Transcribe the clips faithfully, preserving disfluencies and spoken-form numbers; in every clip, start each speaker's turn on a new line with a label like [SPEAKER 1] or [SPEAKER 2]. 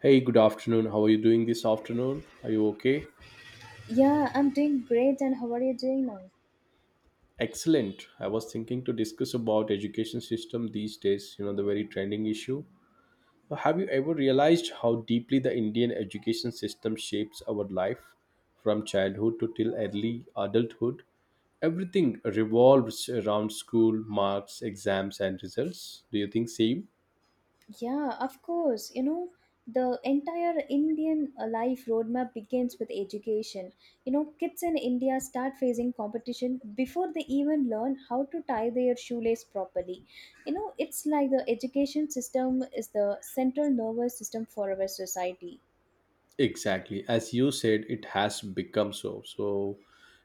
[SPEAKER 1] Hey, good afternoon. How are you doing this afternoon? Are you okay?
[SPEAKER 2] Yeah, I'm doing great. And how are you doing now?
[SPEAKER 1] Excellent. I was thinking to discuss about education system these days, you know, the very trending issue. So, have you ever realized how deeply the Indian education system shapes our life from childhood to till early adulthood? Everything revolves around school, marks, exams and results. Do you think same?
[SPEAKER 2] Yeah, of course. You know, the entire Indian uh, life roadmap begins with education. You know, kids in India start facing competition before they even learn how to tie their shoelace properly. You know, it's like the education system is the central nervous system for our society.
[SPEAKER 1] Exactly. As you said, it has become so. So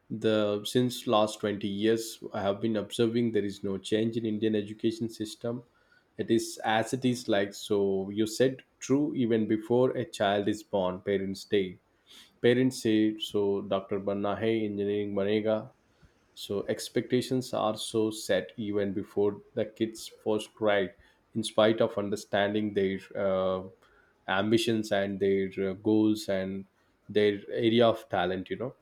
[SPEAKER 1] the since last twenty years I have been observing there is no change in Indian education system. It is as it is like, so you said, true. Even before a child is born, parents day. parents say, so doctor Banna hai engineering banega, so expectations are so set even before the kids first ride, in spite of understanding their uh, ambitions and their uh, goals and their area of talent. You know.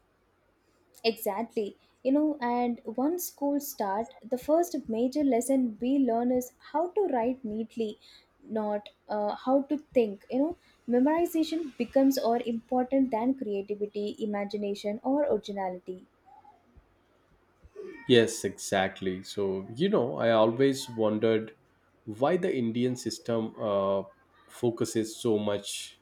[SPEAKER 2] Exactly. You know, and once school start, the first major lesson we learn is how to write neatly, not uh, how to think. You know, memorization becomes more important than creativity, imagination, or originality.
[SPEAKER 1] Yes, exactly. So you know, I always wondered why the Indian system uh, focuses so much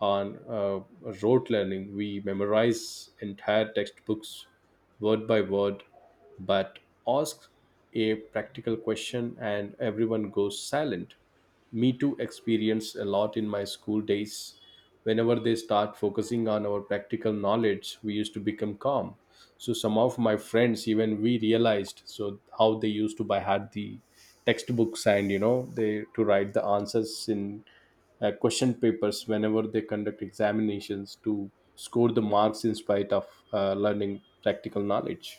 [SPEAKER 1] on uh, rote learning. We memorize entire textbooks word by word, but ask a practical question and everyone goes silent. Me too, experienced a lot in my school days. Whenever they start focusing on our practical knowledge, we used to become calm. So some of my friends, even we realized so how they used to buy had the textbooks, and you know, they to write the answers in uh, question papers whenever they conduct examinations to score the marks in spite of uh, learning practical knowledge.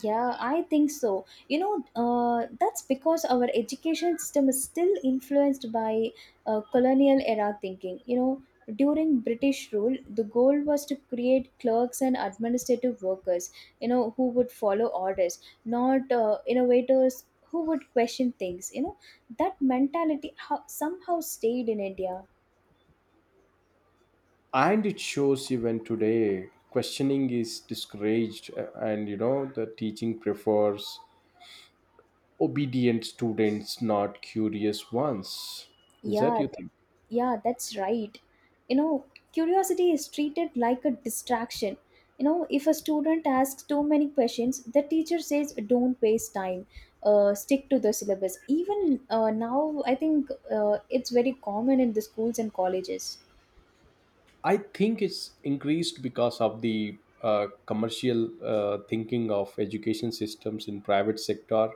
[SPEAKER 2] Yeah, I think so. You know, uh, that's because our education system is still influenced by uh, colonial era thinking. You know, during British rule, the goal was to create clerks and administrative workers, you know, who would follow orders, not uh, innovators who would question things. You know, that mentality how, somehow stayed in India.
[SPEAKER 1] And it shows even today, questioning is discouraged, uh, and you know, the teaching prefers obedient students, not curious ones. Is that,
[SPEAKER 2] Yeah,
[SPEAKER 1] you think?
[SPEAKER 2] yeah, that's right. You know, curiosity is treated like a distraction. You know, if a student asks too many questions, the teacher says, don't waste time, uh, stick to the syllabus. Even uh, now, I think uh, it's very common in the schools and colleges.
[SPEAKER 1] I think it's increased because of the uh, commercial uh, thinking of education systems in private sector,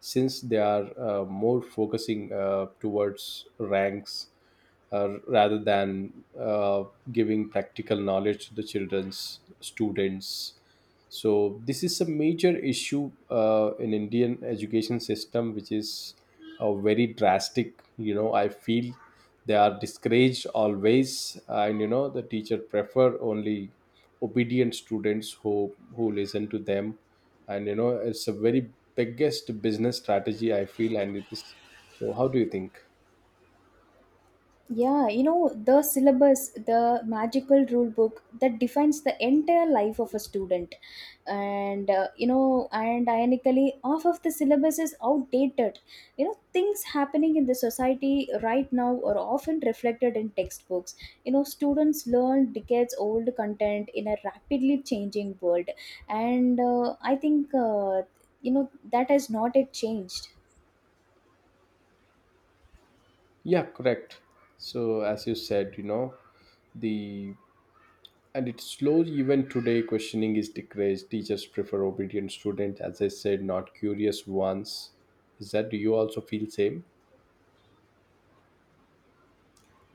[SPEAKER 1] since they are uh, more focusing uh, towards ranks, uh, rather than uh, giving practical knowledge to the children's students. So this is a major issue uh, in indian education system, which is uh, very drastic, you know, I feel. They are discouraged always, and you know, the teacher prefer only obedient students, who who listen to them. And you know, it's a very biggest business strategy, I feel, and it is. So how do you think?
[SPEAKER 2] Yeah, you know, the syllabus, the magical rule book that defines the entire life of a student. And, uh, you know, and ironically, half of the syllabus is outdated. You know, things happening in the society right now are often reflected in textbooks. You know, students learn decades old content in a rapidly changing world. And uh, I think, uh, you know, that has not yet changed.
[SPEAKER 1] Yeah, correct. So as you said, you know, the and it's slow. Even today, questioning is decreased, teachers prefer obedient students, as I said, not curious ones. Is that, do you also feel same?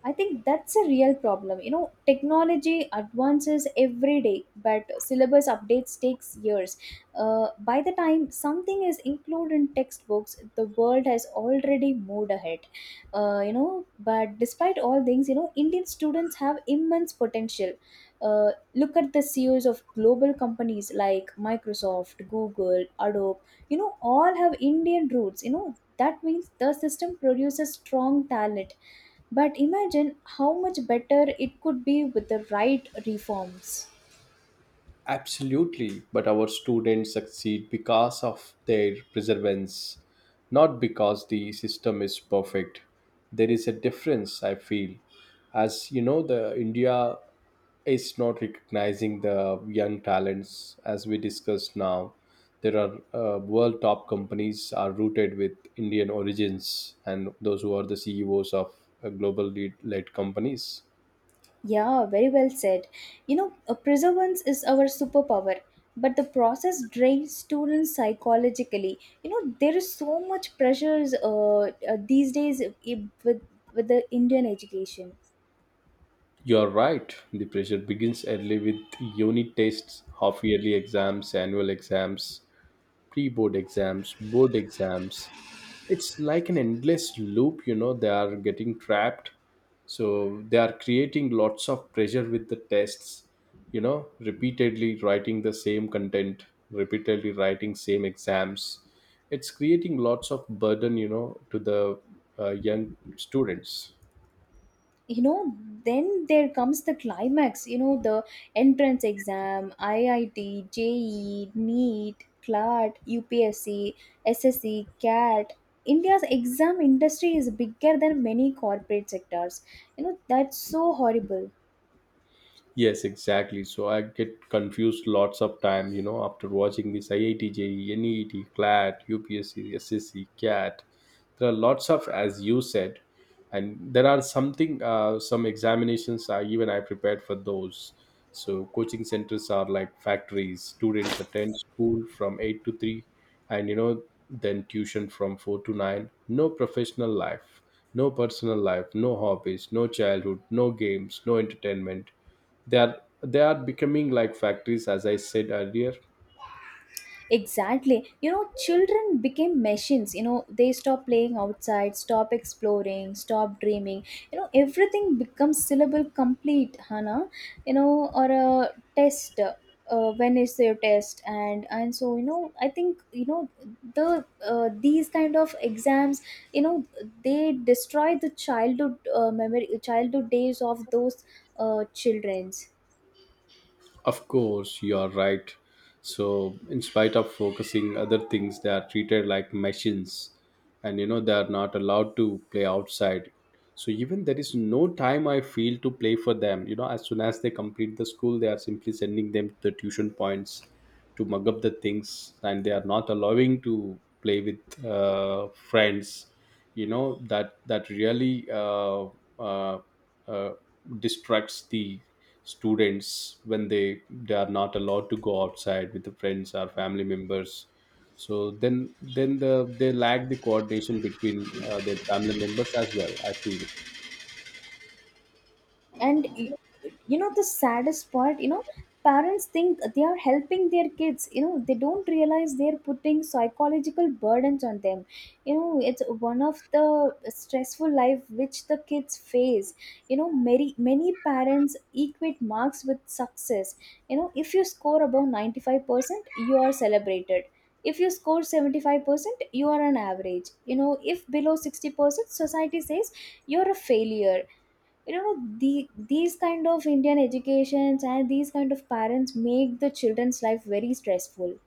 [SPEAKER 2] I think that's a real problem. You know, technology advances every day, but syllabus updates takes years. Uh, by the time something is included in textbooks, the world has already moved ahead. Uh, you know, but despite all things, you know, Indian students have immense potential. Uh, look at the C E Os of global companies like Microsoft, Google, Adobe. You know, all have Indian roots. You know, that means the system produces strong talent, but imagine how much better it could be with the right reforms.
[SPEAKER 1] Absolutely, but our students succeed because of their perseverance, not because the system is perfect. There is a difference, I feel. As you know, the india is not recognizing the young talents, as we discussed now. There are uh, world top companies are rooted with indian origins, and those who are the ceos of uh, global lead led companies.
[SPEAKER 2] Yeah, very well said. You know, uh, perseverance is our superpower, but the process drains students psychologically. You know, there is so much pressures uh, uh, these days i- with with the Indian education.
[SPEAKER 1] You're right, the pressure begins early with unit tests, half yearly exams, annual exams, pre-board exams, board exams. It's like an endless loop, you know, they are getting trapped. So they are creating lots of pressure with the tests, you know, repeatedly writing the same content, repeatedly writing same exams. It's creating lots of burden, you know, to the uh, young students.
[SPEAKER 2] You know, then there comes the climax. You know, the entrance exam, I I T, J E, NEET, CLAT, U P S C, S S C, CAT. India's exam industry is bigger than many corporate sectors. You know, that's so horrible.
[SPEAKER 1] Yes, exactly. So I get confused lots of time, you know, after watching this IITJ, NEET, CLAT, UPSC, SSC, CAT. There are lots of, as you said, and there are something, uh, some examinations. I even I prepared for those. So coaching centers are like factories. Students attend school from eight to three, and you know, then tuition from four to nine. No professional life, no personal life, no hobbies, no childhood, no games, no entertainment. They are they are becoming like factories, as I said earlier.
[SPEAKER 2] Exactly. You know, children became machines. You know, they stop playing outside, stop exploring, stop dreaming. You know, everything becomes syllable complete, Hana. You know, or a test. Uh, when is their test? And and so, you know, I think, you know, the uh, these kind of exams, you know, they destroy the childhood uh, memory, childhood days of those uh, children's.
[SPEAKER 1] Of course, you are right. So in spite of focusing other things, they are treated like machines, and you know, they are not allowed to play outside. So even there is no time, I feel, to play for them. You know, as soon as they complete the school, they are simply sending them to the tuition points to mug up the things, and they are not allowing to play with uh, friends. You know, that that really uh, uh, uh, distracts the students, when they they are not allowed to go outside with the friends or family members. So then then the they lack the coordination between uh, their family members as well, I feel.
[SPEAKER 2] and y- you know, the saddest part, you know, parents think they are helping their kids. You know, they don't realize they're putting psychological burdens on them. You know, it's one of the stressful life which the kids face. You know, many many parents equate marks with success. You know, if you score above ninety-five percent you are celebrated. If you score seventy-five percent you are an average. You know, if below sixty percent society says you're a failure. You know, the these kind of Indian educations and these kind of parents make the children's life very stressful.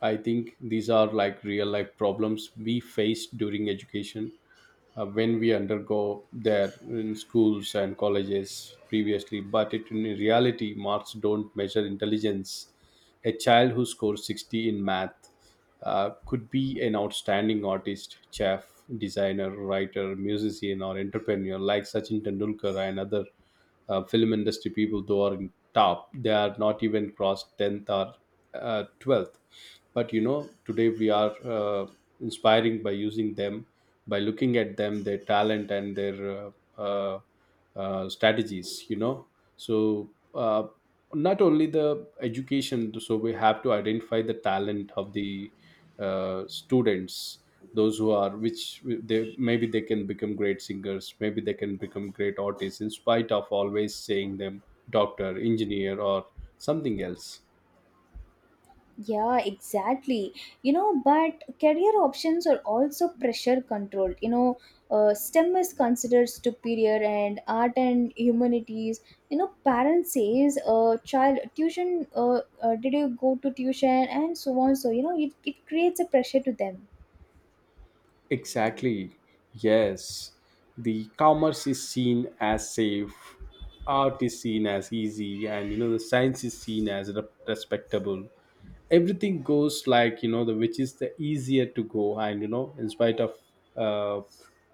[SPEAKER 1] I think these are like real life problems we face during education, uh, when we undergo there in schools and colleges previously. But it, in reality, marks don't measure intelligence. A child who scores sixty in math uh, could be an outstanding artist, chef, designer, writer, musician, or entrepreneur like Sachin Tendulkar. And other uh, film industry people, though are in top, they are not even crossed tenth or uh, twelfth, but you know, today we are uh, inspiring by using them, by looking at them, their talent and their uh, uh, uh, strategies, you know. So, uh, not only the education, so we have to identify the talent of the uh, students, those who are, which they, maybe they can become great singers, maybe they can become great artists, in spite of always saying them doctor, engineer or something else.
[SPEAKER 2] Yeah, exactly. You know, but career options are also pressure controlled. You know, uh, STEM is considered superior and art and humanities. You know, parents says uh, child tuition uh, uh, did you go to tuition and so on. So, you know, it, it creates a pressure to them.
[SPEAKER 1] Exactly. Yes. The commerce is seen as safe, art is seen as easy, and you know, the science is seen as re- respectable. Everything goes like, you know, the which is the easier to go, and you know, in spite of uh,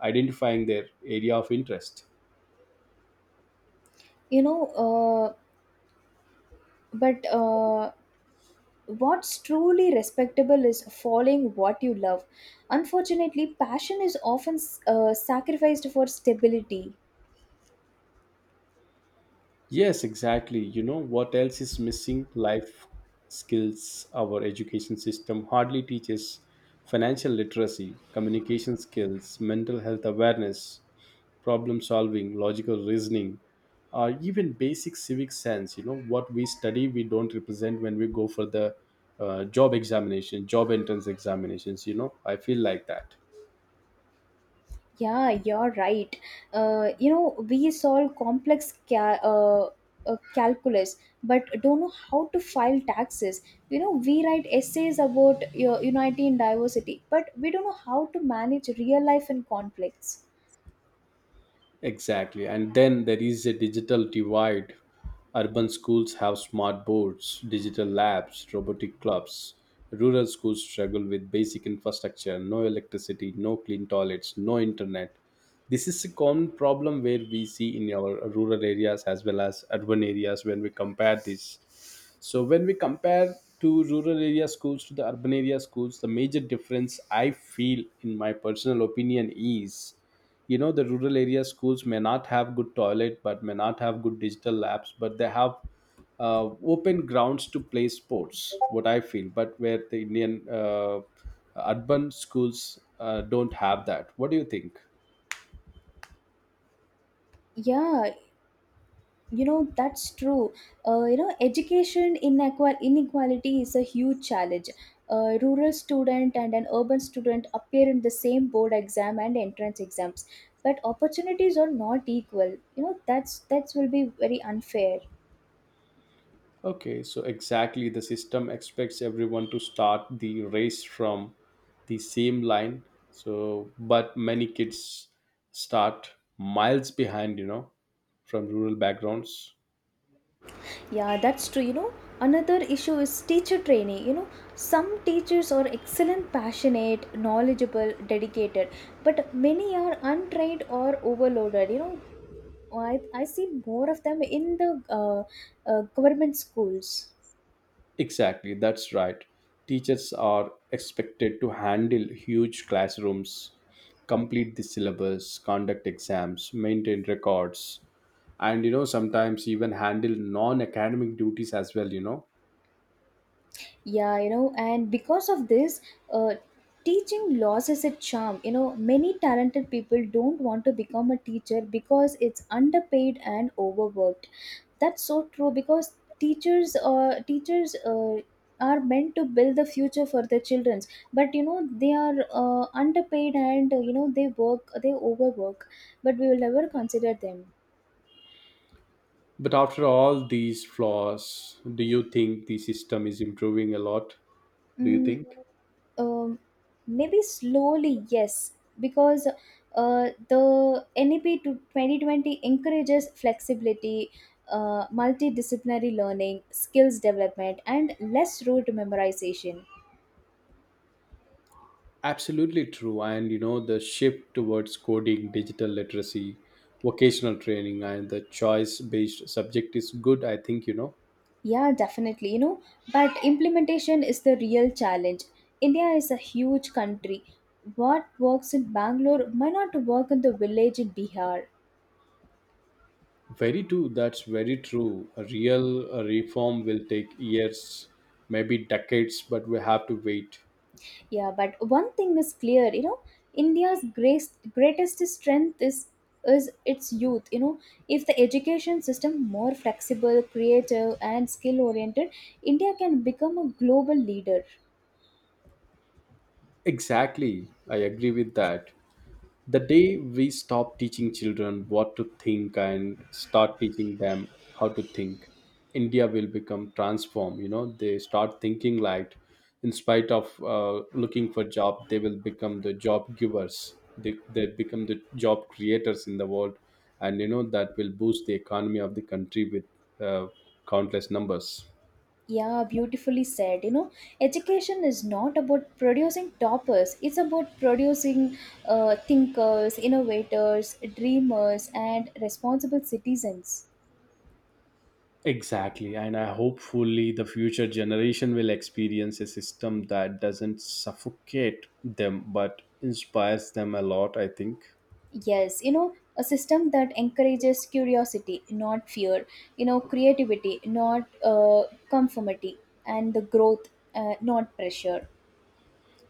[SPEAKER 1] identifying their area of interest.
[SPEAKER 2] You know, uh, but uh, what's truly respectable is following what you love. Unfortunately, passion is often uh, sacrificed for stability.
[SPEAKER 1] Yes, exactly. You know what else is missing? Life skills. Our education system hardly teaches financial literacy, communication skills, mental health awareness, problem solving, logical reasoning, or even basic civic sense. You know what we study, we don't represent when we go for the uh, job examination, job entrance examinations. You know, I feel like that.
[SPEAKER 2] Yeah, you're right. Uh, you know, we solve complex ca- uh, uh, calculus, but don't know how to file taxes. You know, we write essays about your unity in diversity, but we don't know how to manage real life and conflicts.
[SPEAKER 1] Exactly. And then there is a digital divide. Urban schools have smart boards, digital labs, robotic clubs. Rural schools struggle with basic infrastructure, no electricity, no clean toilets, no internet. This is a common problem where we see in our rural areas as well as urban areas when we compare this. So when we compare to rural area schools to the urban area schools, the major difference I feel, in my personal opinion, is, you know, the rural area schools may not have good toilet, but may not have good digital labs, but they have uh, open grounds to play sports. What I feel, but where the Indian uh, urban schools uh, don't have that. What do you think?
[SPEAKER 2] Yeah, you know, that's true. Uh, you know, education inequal- inequality is a huge challenge. A rural student and an urban student appear in the same board exam and entrance exams, but opportunities are not equal. You know, that's that's will be very unfair.
[SPEAKER 1] Okay, so exactly the system expects everyone to start the race from the same line. So, but many kids start miles behind, you know, from rural backgrounds.
[SPEAKER 2] Yeah, that's true. You know, another issue is teacher training. You know, some teachers are excellent, passionate, knowledgeable, dedicated, but many are untrained or overloaded. You know, oh, I, I see more of them in the uh, uh, government schools.
[SPEAKER 1] Exactly, that's right. Teachers are expected to handle huge classrooms, complete the syllabus, conduct exams, maintain records, and you know, sometimes even handle non academic duties as well, you know.
[SPEAKER 2] Yeah, you know, and because of this, uh, teaching loses its charm. You know, many talented people don't want to become a teacher because it's underpaid and overworked. That's so true, because teachers uh, teachers uh, are meant to build the future for the children, but you know they are uh, underpaid and uh, you know they work they overwork, but we will never consider them.
[SPEAKER 1] But after all these flaws, do you think the system is improving a lot? Do you
[SPEAKER 2] Mm,
[SPEAKER 1] think?
[SPEAKER 2] um, maybe slowly, yes, because uh, the N E P to twenty twenty encourages flexibility, uh, multidisciplinary learning, skills development, and less rote memorization.
[SPEAKER 1] Absolutely true. And you know, the shift towards coding, digital literacy, vocational training, and the choice based subject is good, I think, you know.
[SPEAKER 2] Yeah, definitely, you know, but implementation is the real challenge. India is a huge country. What works in Bangalore might not work in the village in Bihar.
[SPEAKER 1] Very true. That's very true. A real uh, reform will take years, maybe decades, but we have to wait.
[SPEAKER 2] Yeah, but one thing is clear. You know, India's greatest greatest strength is is its youth. You know, if the education system more flexible, creative, and skill oriented, India can become a global leader.
[SPEAKER 1] Exactly. I agree with that. The day we stop teaching children what to think and start teaching them how to think, India will become transformed. You know, they start thinking like, in spite of uh, looking for job, they will become the job givers. They, they become the job creators in the world, and you know, that will boost the economy of the country with uh, countless numbers.
[SPEAKER 2] Yeah, beautifully said. You know, education is not about producing toppers. It's about producing uh, thinkers, innovators, dreamers, and responsible citizens.
[SPEAKER 1] Exactly, and I hopefully the future generation will experience a system that doesn't suffocate them but inspires them a lot, I think.
[SPEAKER 2] Yes, you know, a system that encourages curiosity, not fear, you know, creativity, not uh, conformity, and the growth, uh, not pressure.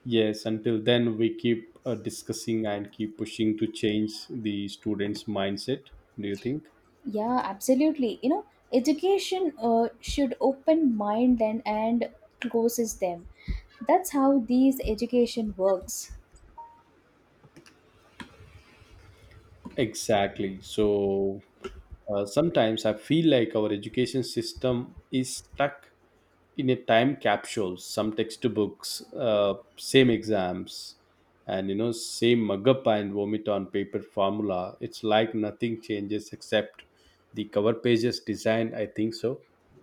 [SPEAKER 1] Yes, until then, we keep uh, discussing and keep pushing to change the students' mindset, do you think?
[SPEAKER 2] Yeah, absolutely. You know, education uh, should open mind and, and closes them. That's how these education works.
[SPEAKER 1] Exactly. So, uh, sometimes I feel like our education system is stuck in a time capsule, some textbooks, uh, same exams, and you know, same mug-up and vomit on paper formula. It's like nothing changes except the cover pages design, I think so.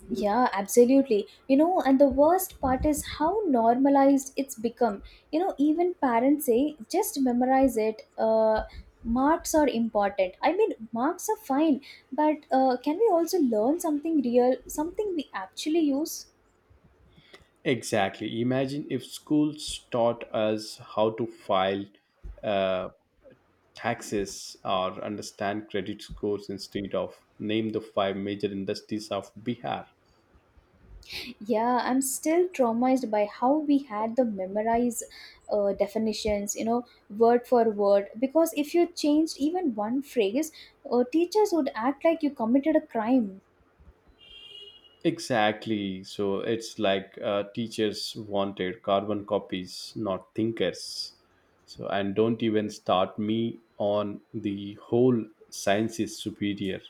[SPEAKER 2] Yeah, absolutely. You know, and the worst part is how normalized it's become. You know, even parents say, just memorize it. Uh, marks are important. I mean, marks are fine, but uh, can we also learn something real, something we actually use?
[SPEAKER 1] Exactly, imagine if schools taught us how to file, uh, taxes, or understand credit scores instead of name the five major industries of Bihar.
[SPEAKER 2] Yeah, I'm still traumatized by how we had the memorize uh, definitions, you know, word for word. Because if you changed even one phrase, uh, teachers would act like you committed a crime.
[SPEAKER 1] Exactly. So it's like uh, teachers wanted carbon copies, not thinkers. So, and don't even start me on the whole science is superior.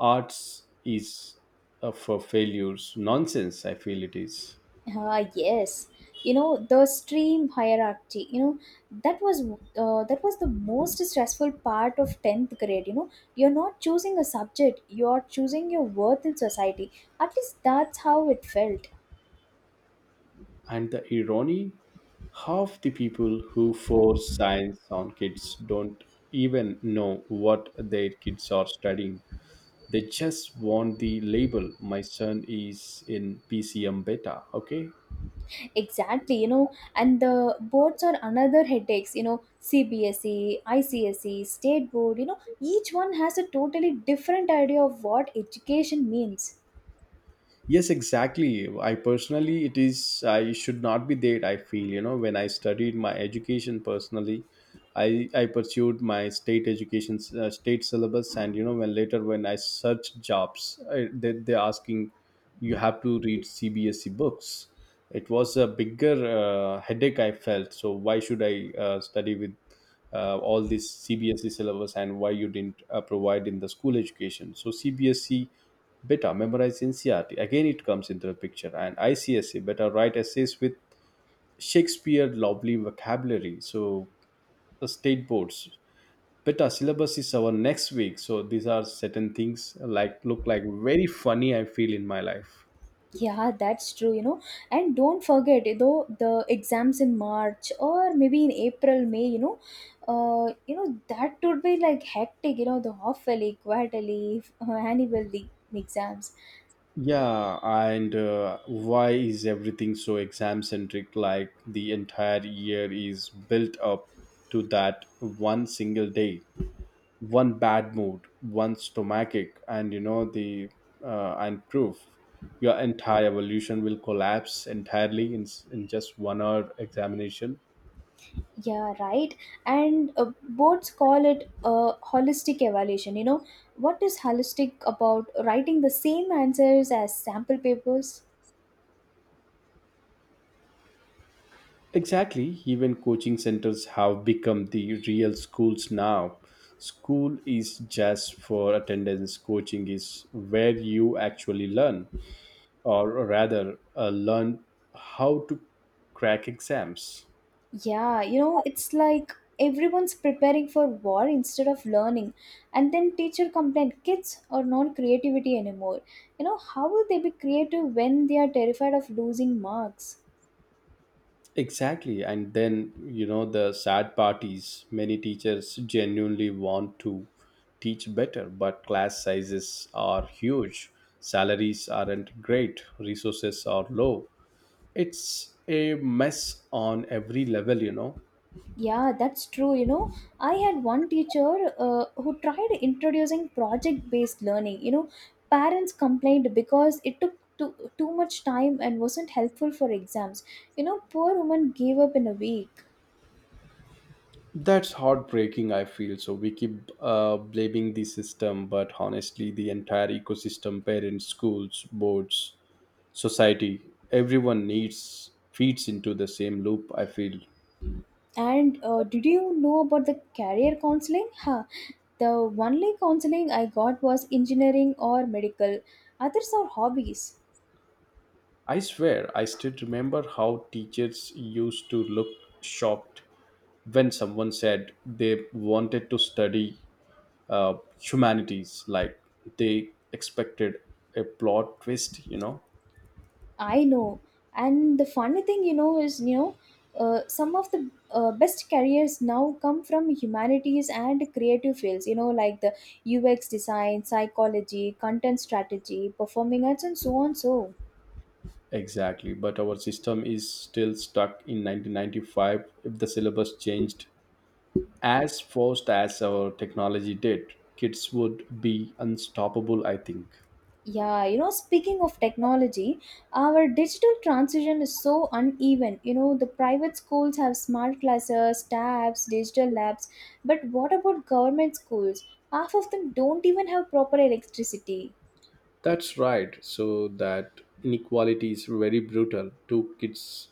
[SPEAKER 1] Arts is uh, for failures. Nonsense, I feel it is.
[SPEAKER 2] Ah, yes, you know, the stream hierarchy. You know, that was uh, that was the most stressful part of tenth grade. You know, you're not choosing a subject; you're choosing your worth in society. At least that's how it felt.
[SPEAKER 1] And the irony, half the people who force science on kids don't even know what their kids are studying. They just want the label, my son is in P C M beta, okay.
[SPEAKER 2] Exactly. You know, and the boards are another headaches. You know, C B S E, I C S E, State Board. You know, each one has a totally different idea of what education means.
[SPEAKER 1] Yes, exactly, I personally, it is, I should not be there, I feel, you know. When I studied my education personally, i i pursued my state education, uh, state syllabus. And you know, when later when I searched jobs, I, they, they're asking you have to read C B S E books. It was a bigger uh, headache, I felt. So why should I uh, study with uh, all this C B S E syllabus, and why you didn't uh, provide in the school education? So C B S E, better memorize N C R T. Again, it comes into the picture. And I C S E, better write essays with Shakespeare lovely vocabulary. So, the state boards. Better syllabus is our next week. So, these are certain things like look like very funny, I feel, in my life.
[SPEAKER 2] Yeah, that's true, you know. And don't forget, though, the exams in March, or maybe in April, May, you know, uh, you know, that would be like hectic, you know, the half-yearly, quarterly, annually exams.
[SPEAKER 1] Yeah, and uh, why is everything so exam centric? Like the entire year is built up to that one single day. One bad mood, one stomachic, and you know the uh, and proof your entire evolution will collapse entirely in s- in just one hour examination.
[SPEAKER 2] Yeah, right. And uh, boards call it a holistic evaluation. You know, what is holistic about writing the same answers as sample papers?
[SPEAKER 1] Exactly. Even coaching centers have become the real schools now. School is just for attendance. Coaching is where you actually learn, or rather, uh, learn how to crack exams.
[SPEAKER 2] Yeah, you know, it's like everyone's preparing for war instead of learning. And then teacher complained kids are not creativity anymore. You know, how will they be creative when they are terrified of losing marks?
[SPEAKER 1] Exactly. And then, you know, the sad part is many teachers genuinely want to teach better, but class sizes are huge, salaries aren't great, resources are low. It's a mess on every level, you know.
[SPEAKER 2] Yeah, that's true. You know, I had one teacher uh, who tried introducing project based learning. You know, parents complained because it took too, too much time and wasn't helpful for exams. You know, poor woman gave up in a week.
[SPEAKER 1] That's heartbreaking, I feel. So we keep uh, blaming the system, but honestly, the entire ecosystem, parents, schools, boards, society, everyone needs feeds into the same loop, I feel.
[SPEAKER 2] And uh, did you know about the career counseling? Huh. The only counseling I got was engineering or medical. Others are hobbies.
[SPEAKER 1] I swear, I still remember how teachers used to look shocked when someone said they wanted to study uh, humanities, like they expected a plot twist, you know?
[SPEAKER 2] I know. And the funny thing, you know, is, you know, uh, some of the uh, best careers now come from humanities and creative fields. You know, like the U X design, psychology, content strategy, performing arts, and so on. So.
[SPEAKER 1] Exactly. But our system is still stuck in nineteen ninety-five. If the syllabus changed as fast as our technology did, kids would be unstoppable, I think.
[SPEAKER 2] Yeah, you know, speaking of technology, our digital transition is so uneven. You know, the private schools have smart classes, tabs, digital labs, but what about government schools? Half of them don't even have proper electricity.
[SPEAKER 1] That's right. So that inequality is very brutal. Two kids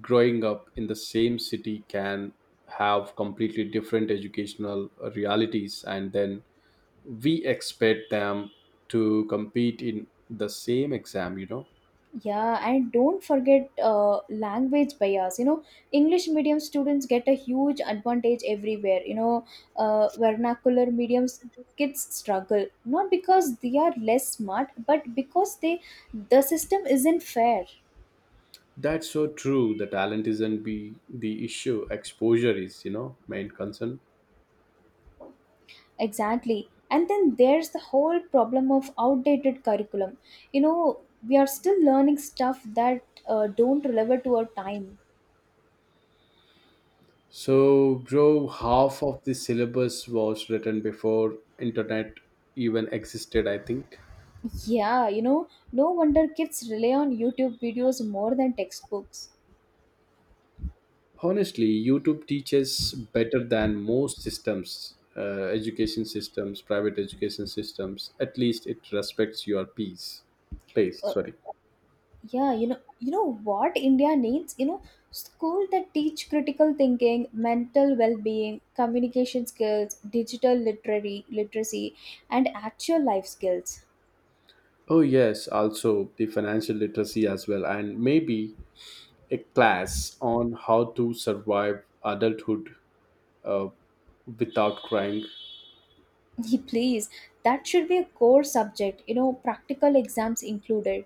[SPEAKER 1] growing up in the same city can have completely different educational uh, realities, and then we expect them to compete in the same exam, you know.
[SPEAKER 2] Yeah, and don't forget uh, language bias. You know, English medium students get a huge advantage everywhere. You know, uh, vernacular mediums kids struggle not because they are less smart, but because they the system isn't fair.
[SPEAKER 1] That's so true, the talent isn't be the issue, exposure is, you know, main concern.
[SPEAKER 2] Exactly. And then there's the whole problem of outdated curriculum. You know, we are still learning stuff that uh, don't relevant to our time.
[SPEAKER 1] So bro, half of the syllabus was written before internet even existed, I think.
[SPEAKER 2] Yeah, you know, no wonder kids rely on YouTube videos more than textbooks.
[SPEAKER 1] Honestly, YouTube teaches better than most systems, uh, education systems, private education systems. At least it respects your peace, pace.
[SPEAKER 2] Uh,
[SPEAKER 1] Sorry.
[SPEAKER 2] yeah, you know, you know what India needs? You know, school that teach critical thinking, mental well-being, communication skills, digital literary literacy, and actual life skills.
[SPEAKER 1] Oh yes, also the financial literacy as well, and maybe a class on how to survive adulthood uh, without crying.
[SPEAKER 2] Please, that should be a core subject. You know, practical exams included.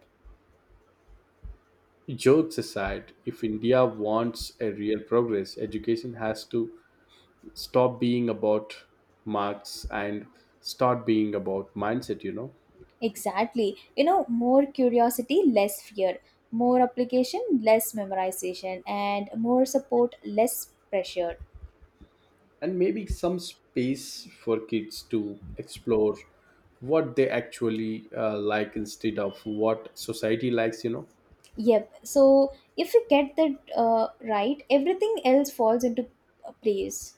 [SPEAKER 1] Jokes aside, if India wants a real progress, education has to stop being about marks and start being about mindset, you know.
[SPEAKER 2] Exactly. You know, more curiosity, less fear, more application, less memorization, and more support, less pressure.
[SPEAKER 1] And maybe some space for kids to explore what they actually uh, like instead of what society likes, you know.
[SPEAKER 2] Yep. So, if we get that uh, right, everything else falls into uh, place.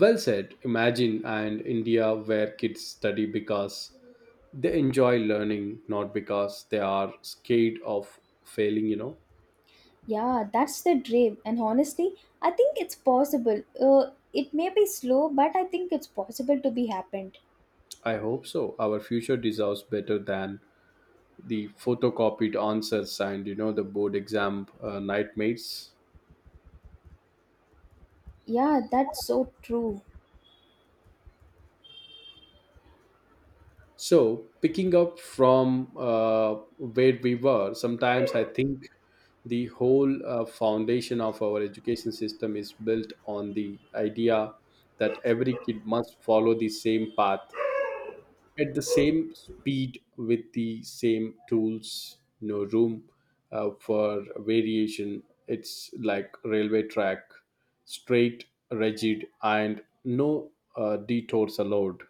[SPEAKER 1] Well said. Imagine an India where kids study because they enjoy learning, not because they are scared of failing, you know.
[SPEAKER 2] Yeah, that's the dream. And honestly, I think it's possible. Uh, it may be slow, but I think it's possible to be happened.
[SPEAKER 1] I hope so. Our future deserves better than the photocopied answers and you know the board exam uh, nightmares.
[SPEAKER 2] Yeah, that's so true.
[SPEAKER 1] So picking up from uh, where we were, sometimes I think the whole uh, foundation of our education system is built on the idea that every kid must follow the same path at the same speed with the same tools. No room uh, for variation. It's like railway track, straight, rigid, and no uh, detours allowed.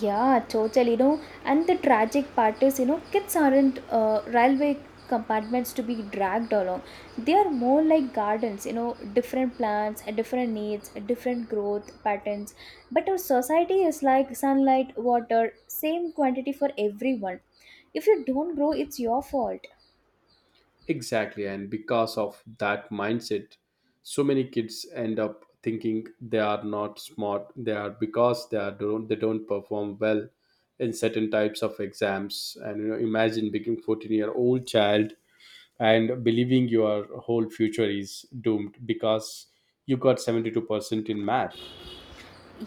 [SPEAKER 2] Yeah, total, you know, and the tragic part is, you know, kids aren't uh, railway compartments to be dragged along. They are more like gardens, you know, different plants, uh, different needs, uh, different growth patterns. But our society is like sunlight, water, same quantity for everyone. If you don't grow, it's your fault.
[SPEAKER 1] Exactly, and because of that mindset, so many kids end up thinking they are not smart, they are because they are don't, they don't perform well in certain types of exams. And you know, imagine being fourteen year old child and believing your whole future is doomed because you got seventy-two percent in math.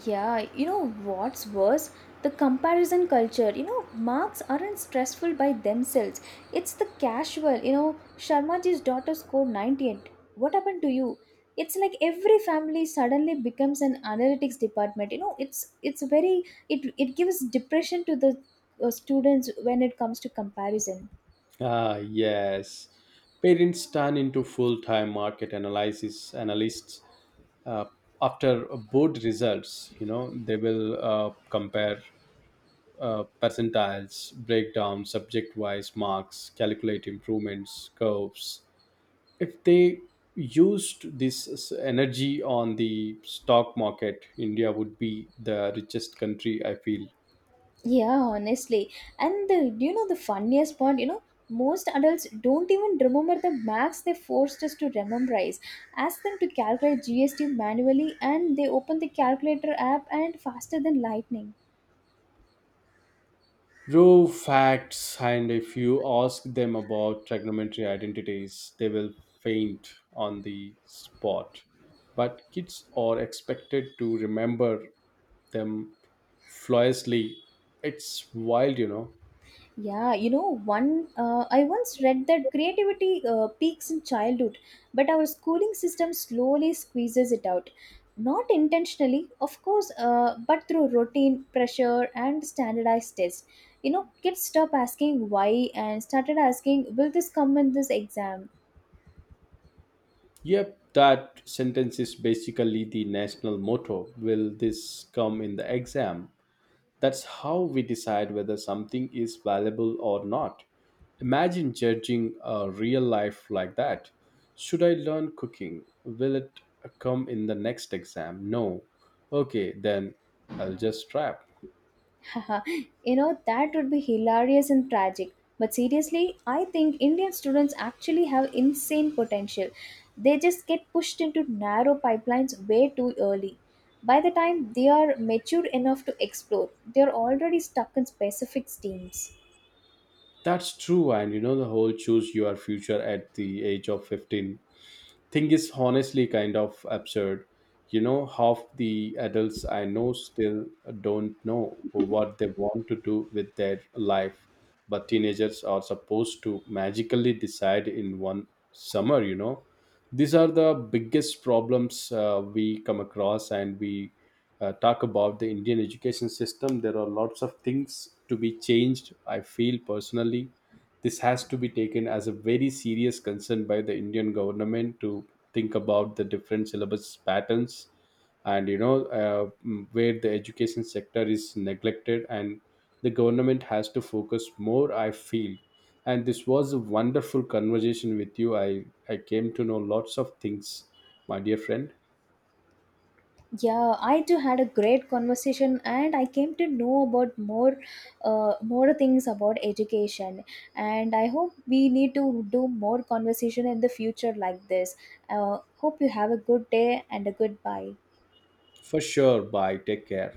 [SPEAKER 2] Yeah, you know what's worse? The comparison culture. You know, marks aren't stressful by themselves. It's the casual. You know, Sharmaji's daughter scored ninety-eight. What happened to you? It's like every family suddenly becomes an analytics department. You know, it's it's very it it gives depression to the uh, students when it comes to comparison.
[SPEAKER 1] Ah, yes. Parents turn into full time market analysis analysts uh, after board results. You know, they will uh, compare uh, percentiles, breakdown, subject wise marks, calculate improvements, curves. If they used this s- energy on the stock market, India would be the richest country, I feel.
[SPEAKER 2] Yeah, honestly. And the, do you know the funniest part? You know, most adults don't even remember the max they forced us to memorize. Ask them to calculate G S T manually and they open the calculator app and faster than lightning.
[SPEAKER 1] Raw facts. And if you ask them about trigonometry identities, they will faint on the spot, but kids are expected to remember them flawlessly. It's wild, you know.
[SPEAKER 2] Yeah, you know, one uh, I once read that creativity uh, peaks in childhood, but our schooling system slowly squeezes it out. Not intentionally, of course, uh, but through routine, pressure, and standardized tests. You know, kids stop asking why and started asking, will this come in this exam?
[SPEAKER 1] Yep, that sentence is basically the national motto, will this come in the exam? That's how we decide whether something is valuable or not. Imagine judging a real life like that. Should I learn cooking? Will it come in the next exam? No. Okay, then I'll just scrap.
[SPEAKER 2] Haha, you know, that would be hilarious and tragic. But seriously, I think Indian students actually have insane potential. They just get pushed into narrow pipelines way too early. By the time they are mature enough to explore, they are already stuck in specific teams.
[SPEAKER 1] That's true, and you know the whole choose your future at the age of fifteen thing is honestly kind of absurd. You know, half the adults I know still don't know what they want to do with their life, but teenagers are supposed to magically decide in one summer, you know. These are the biggest problems uh, we come across, and we uh, talk about the Indian education system. There are lots of things to be changed, I feel personally. This has to be taken as a very serious concern by the Indian government to think about the different syllabus patterns. And you know, uh, mm, where the education sector is neglected, and the government has to focus more, I feel. And this was a wonderful conversation with you. I i came to know lots of things, my dear friend.
[SPEAKER 2] Yeah, I too had a great conversation and I came to know about more uh, more things about education, and I hope we need to do more conversation in the future like this. Uh, hope you have a good day and a goodbye.
[SPEAKER 1] For sure, bye, take care.